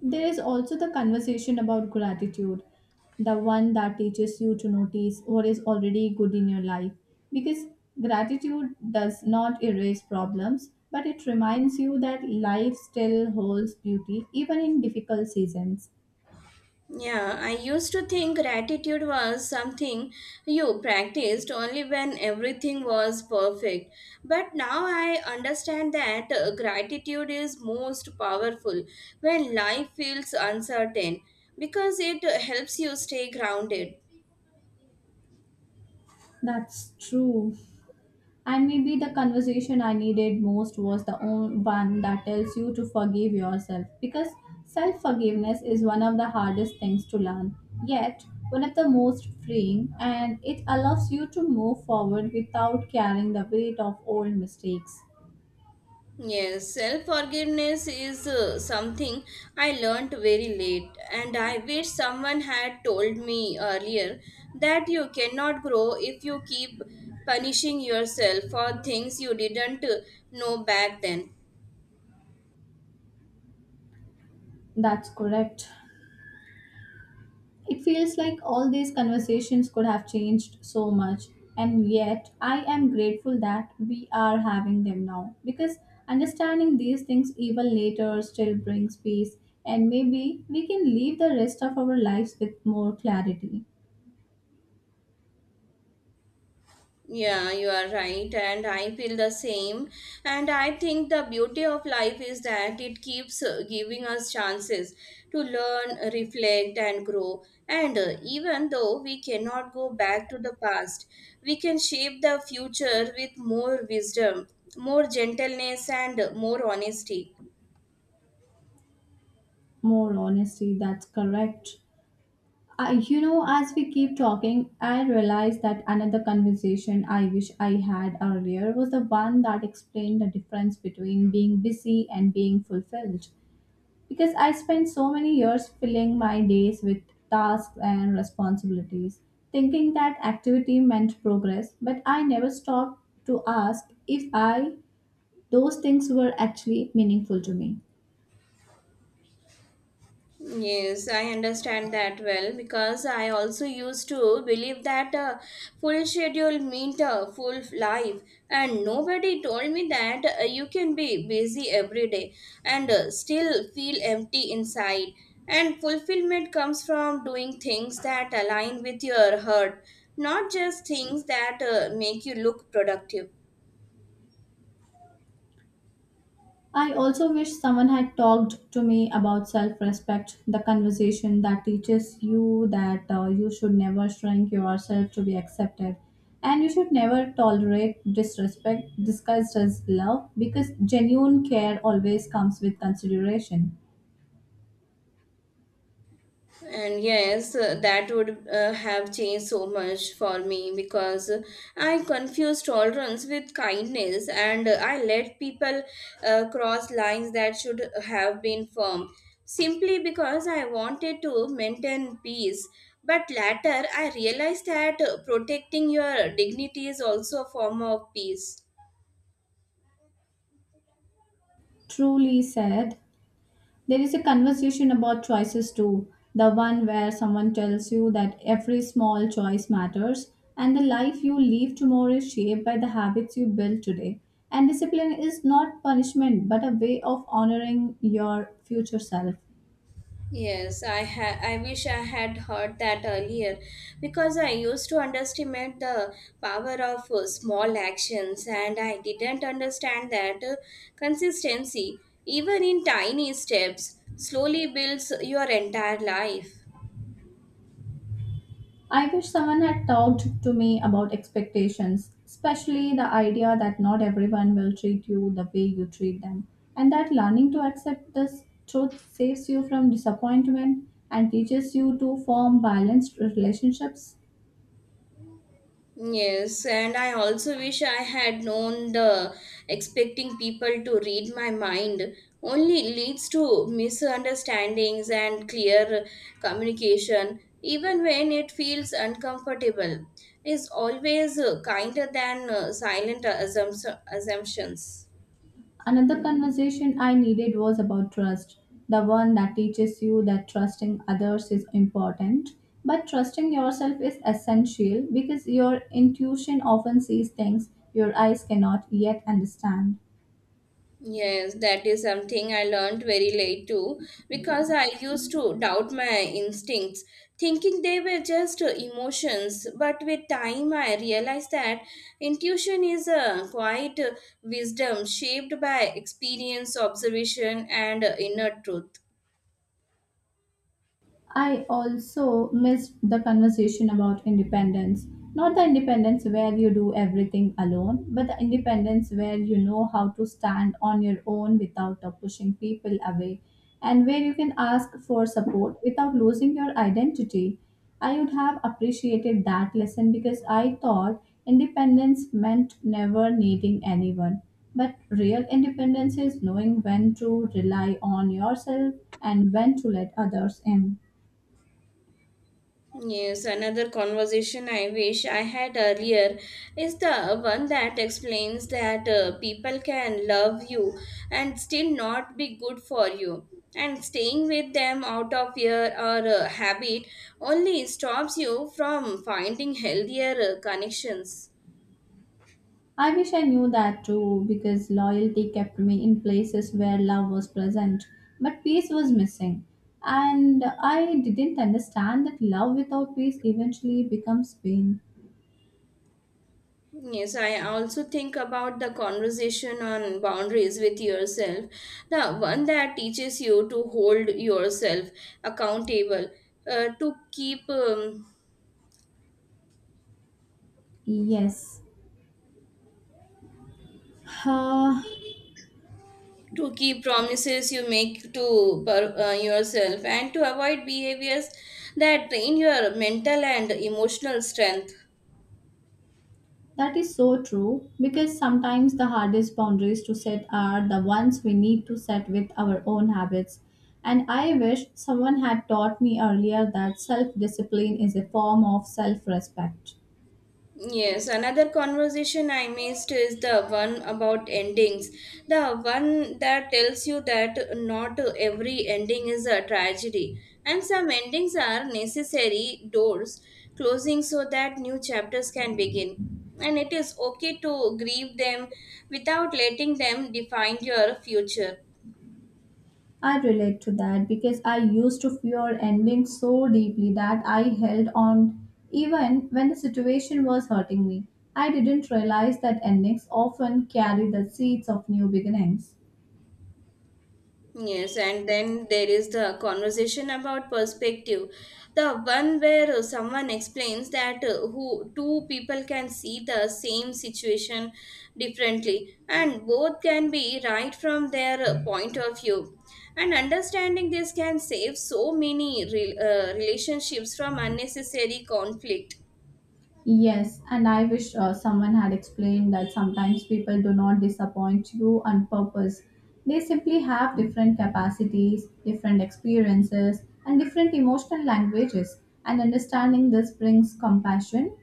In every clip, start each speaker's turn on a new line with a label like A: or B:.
A: There is also the conversation about gratitude, the one that teaches you to notice what is already good in your life, because gratitude does not erase problems, but it reminds you that life still holds beauty even in difficult seasons.
B: Yeah, I used to think gratitude was something you practiced only when everything was perfect. But now I understand that gratitude is most powerful when life feels uncertain because it helps you stay grounded.
A: That's true. And maybe the conversation I needed most was the one that tells you to forgive yourself, because self forgiveness is one of the hardest things to learn, yet one of the most freeing, and it allows you to move forward without carrying the weight of old mistakes.
B: Yes, self forgiveness is something I learnt very late, and I wish someone had told me earlier that you cannot grow if you keep punishing yourself for things you didn't know back then.
A: That's correct. It feels like all these conversations could have changed so much, and yet I am grateful that we are having them now, because understanding these things even later still brings peace, and maybe we can live the rest of our lives with more clarity,
B: Yeah, you are right, and I feel the same. And I think the beauty of life is that it keeps giving us chances to learn, reflect, and grow. And even though we cannot go back to the past, we can shape the future with more wisdom, more gentleness, and more honesty.
A: more honesty. That's correct. I, you know, as we keep talking, I realize that another conversation I wish I had earlier was the one that explained the difference between being busy and being fulfilled, because I spent so many years filling my days with tasks and responsibilities, thinking that activity meant progress, but I never stopped to ask if I those things were actually meaningful to me.
B: Yes, I understand that well because I also used to believe that a full schedule meant a full life, and nobody told me that you can be busy every day and still feel empty inside. And fulfillment comes from doing things that align with your heart, not just things that make you look productive.
A: I also wish someone had talked to me about self respect, the conversation that teaches you that you should never shrink yourself to be accepted, and you should never tolerate disrespect disguised as love, because genuine care always comes with consideration.
B: And yes, that would have changed so much for me because I confused tolerance with kindness and I let people cross lines that should have been firm simply because I wanted to maintain peace. But later, I realized that protecting your dignity is also a form of peace.
A: Truly said. There is a conversation about choices too, the one where someone tells you that every small choice matters, and the life you live tomorrow is shaped by the habits you build today. And discipline is not punishment but a way of honoring your future self.
B: Yes, I wish I had heard that earlier because I used to underestimate the power of small actions and I didn't understand that consistency, even in tiny steps, slowly builds your entire life.
A: I wish someone had talked to me about expectations, especially the idea that not everyone will treat you the way you treat them, and that learning to accept this truth saves you from disappointment and teaches you to form balanced relationships.
B: Yes, and I also wish I had known the expecting people to read my mind only leads to misunderstandings and clear communication, even when it feels uncomfortable, is always kinder than silent assumptions.
A: Another conversation I needed was about trust, the one that teaches you that trusting others is important, but trusting yourself is essential, because your intuition often sees things your eyes cannot yet understand.
B: Yes, that is something I learned very late too because I used to doubt my instincts, thinking they were just emotions. But with time, I realized that intuition is a quiet wisdom shaped by experience, observation, and inner truth.
A: I also missed the conversation about independence. Not the independence where you do everything alone, but the independence where you know how to stand on your own without pushing people away, and where you can ask for support without losing your identity. I would have appreciated that lesson, because I thought independence meant never needing anyone. But real independence is knowing when to rely on yourself and when to let others in.
B: Yes, another conversation I wish I had earlier is the one that explains that people can love you and still not be good for you. And staying with them out of fear or habit only stops you from finding healthier connections.
A: I wish I knew that too, because loyalty kept me in places where love was present, but peace was missing. And I didn't understand that love without peace eventually becomes pain.
B: Yes, I also think about the conversation on boundaries with yourself, the one that teaches you to hold yourself accountable, uh, to keep um,
A: Yes. Ah,
B: to keep promises you make to yourself, and to avoid behaviors that drain your mental and emotional strength.
A: that is so true, because sometimes the hardest boundaries to set are the ones we need to set with our own habits. And I wish someone had taught me earlier that self discipline is a form of self respect.
B: Yes, another conversation I missed is the one about endings. The one that tells you that not every ending is a tragedy, and some endings are necessary doors closing so that new chapters can begin. And it is okay to grieve them without letting them define your future.
A: I relate to that, because I used to fear endings so deeply that I held on even when the situation was hurting me. I didn't realize that endings often carry the seeds of new beginnings.
B: Yes, and then there is the conversation about perspective, the one where someone explains that who two people can see the same situation differently, and both can be right from their point of view. And understanding this can save so many relationships from unnecessary conflict.
A: Yes, and I wish someone had explained that sometimes people do not disappoint you on purpose. They simply have different capacities, different experiences, and different emotional languages. And understanding this brings compassion,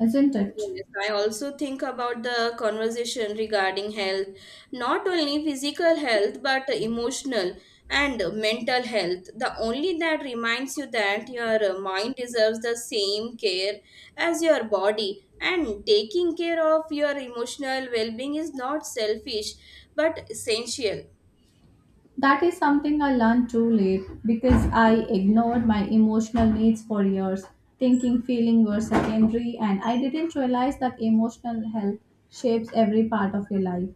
A: isn't it?
B: Yes, I also think about the conversation regarding health, not only physical health but emotional and mental health. The only that reminds you that your mind deserves the same care as your body, and taking care of your emotional well being is not selfish but essential.
A: That is something I learned too late, because I ignored my emotional needs for years, thinking feelings were secondary, and I didn't realize that emotional health shapes every part of your life.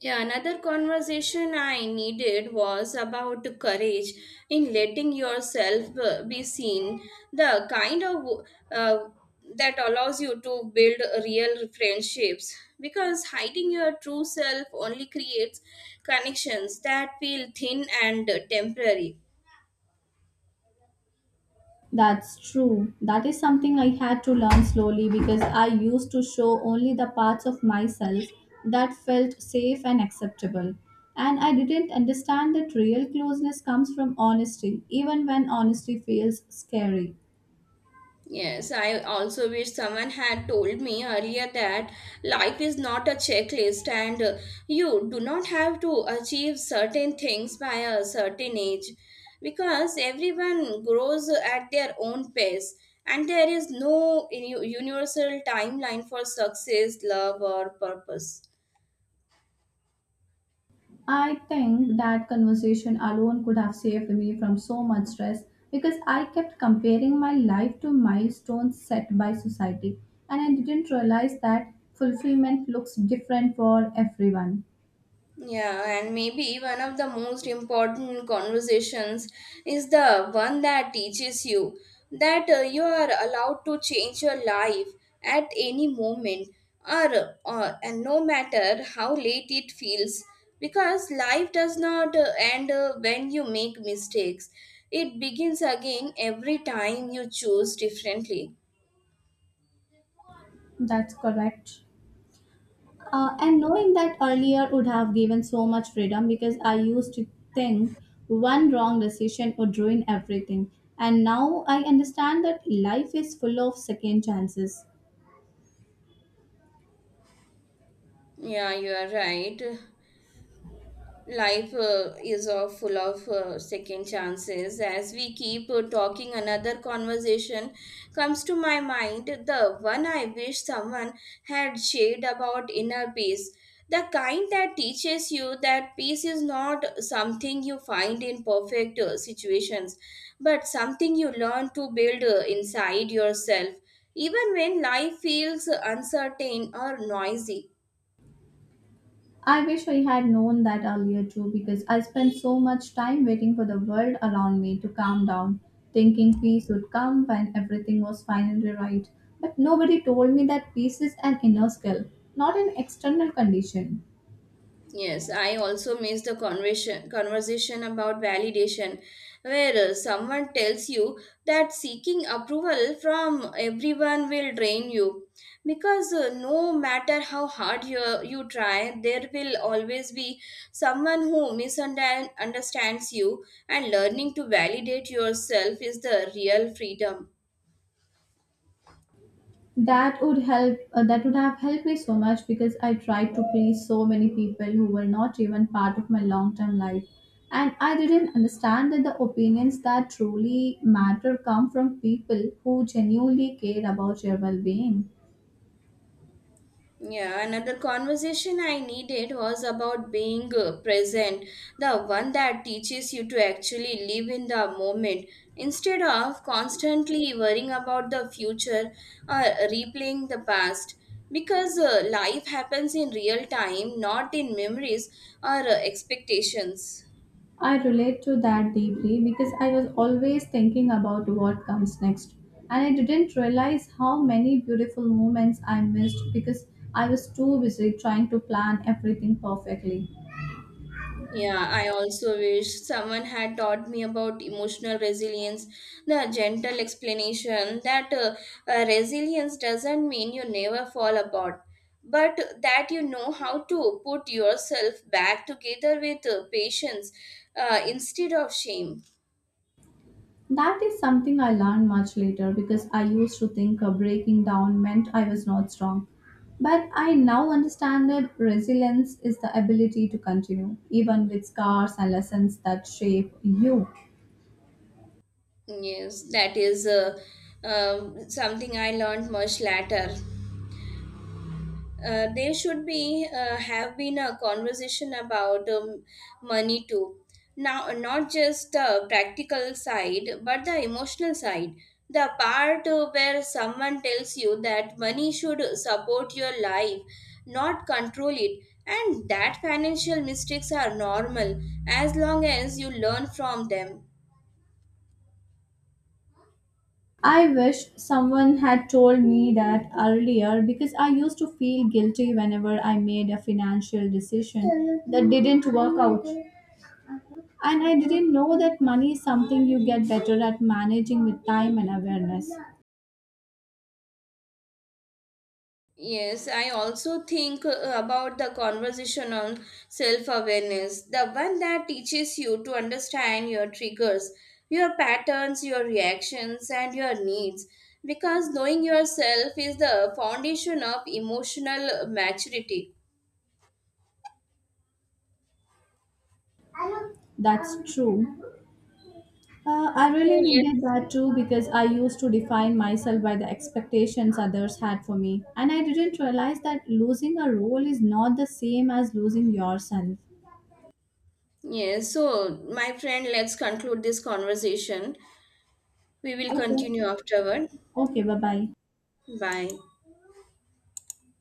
B: Yeah, another conversation I needed was about courage in letting yourself be seen, the kind of uh, that allows you to build real friendships. Because hiding your true self only creates connections that feel thin and temporary.
A: That's true. That is something I had to learn slowly, because I used to show only the parts of myself that felt safe and acceptable. And I didn't understand that real closeness comes from honesty, even when honesty feels scary.
B: Yes, I also wish someone had told me earlier that life is not a checklist and you do not have to achieve certain things by a certain age because everyone grows at their own pace and there is no universal timeline for success, love, or purpose.
A: I think that conversation alone could have saved me from so much stress, because I kept comparing my life to milestones set by society, and I didn't realize that fulfillment looks different for everyone.
B: Yeah, and maybe one of the most important conversations is the one that teaches you that you are allowed to change your life at any moment or and no matter how late it feels because life does not end when you make mistakes, it begins again every time you choose differently.
A: That's correct. And knowing that earlier would have given so much freedom, because I used to think one wrong decision would ruin everything. And now I understand that life is full of second chances.
B: Yeah, you are right. Life is full of second chances. As we keep talking, another conversation comes to my mind, the one I wish someone had shared about inner peace, the kind that teaches you that peace is not something you find in perfect situations, but something you learn to build inside yourself even when life feels uncertain or noisy.
A: I wish I had known that earlier too, because I spent so much time waiting for the world around me to calm down, thinking peace would come when everything was finally right. But nobody told me that peace is an inner skill, not an external condition.
B: Yes, I also miss the conversation about validation, where someone tells you that seeking approval from everyone will drain you, because no matter how hard you try, there will always be someone who misunderstands you, and learning to validate yourself is the real freedom.
A: That would have helped me so much, because I tried to please so many people who were not even part of my long term life, and I didn't understand that the opinions that truly matter come from people who genuinely care about your well being.
B: Yeah, another conversation I needed was about being present, the one that teaches you to actually live in the moment instead of constantly worrying about the future or replaying the past. Because life happens in real time, not in memories or expectations.
A: I relate to that deeply, because I was always thinking about what comes next, and I didn't realize how many beautiful moments I missed, because I was too busy trying to plan everything perfectly.
B: Yeah, I also wish someone had taught me about emotional resilience, the gentle explanation that resilience doesn't mean you never fall apart, but that you know how to put yourself back together with patience instead of shame.
A: That is something I learned much later, because I used to think a breaking down meant I was not strong. But I now understand that resilience is the ability to continue, even with scars and lessons that shape you.
B: Yes, that is something I learned much later. There should be have been a conversation about money too, now not just the practical side but the emotional side, the part where someone tells you that money should support your life, not control it, and that financial mistakes are normal as long as you learn from them.
A: I wish someone had told me that earlier, because I used to feel guilty whenever I made a financial decision that didn't work out. And I didn't know that money is something you get better at managing with time and awareness.
B: Yes, I also think about the conversation on self awareness, the one that teaches you to understand your triggers, your patterns, your reactions, and your needs. Because knowing yourself is the foundation of emotional maturity.
A: That's true. I really
B: So,
A: needed
B: yes,
A: that too, because I used to define myself by the expectations others had for me. And I didn't realize that losing a role is not the same as losing yourself.
B: yes. So, my friend, let's conclude this conversation. We will
A: Okay.
B: continue afterward.
A: Okay, bye bye.
B: Bye.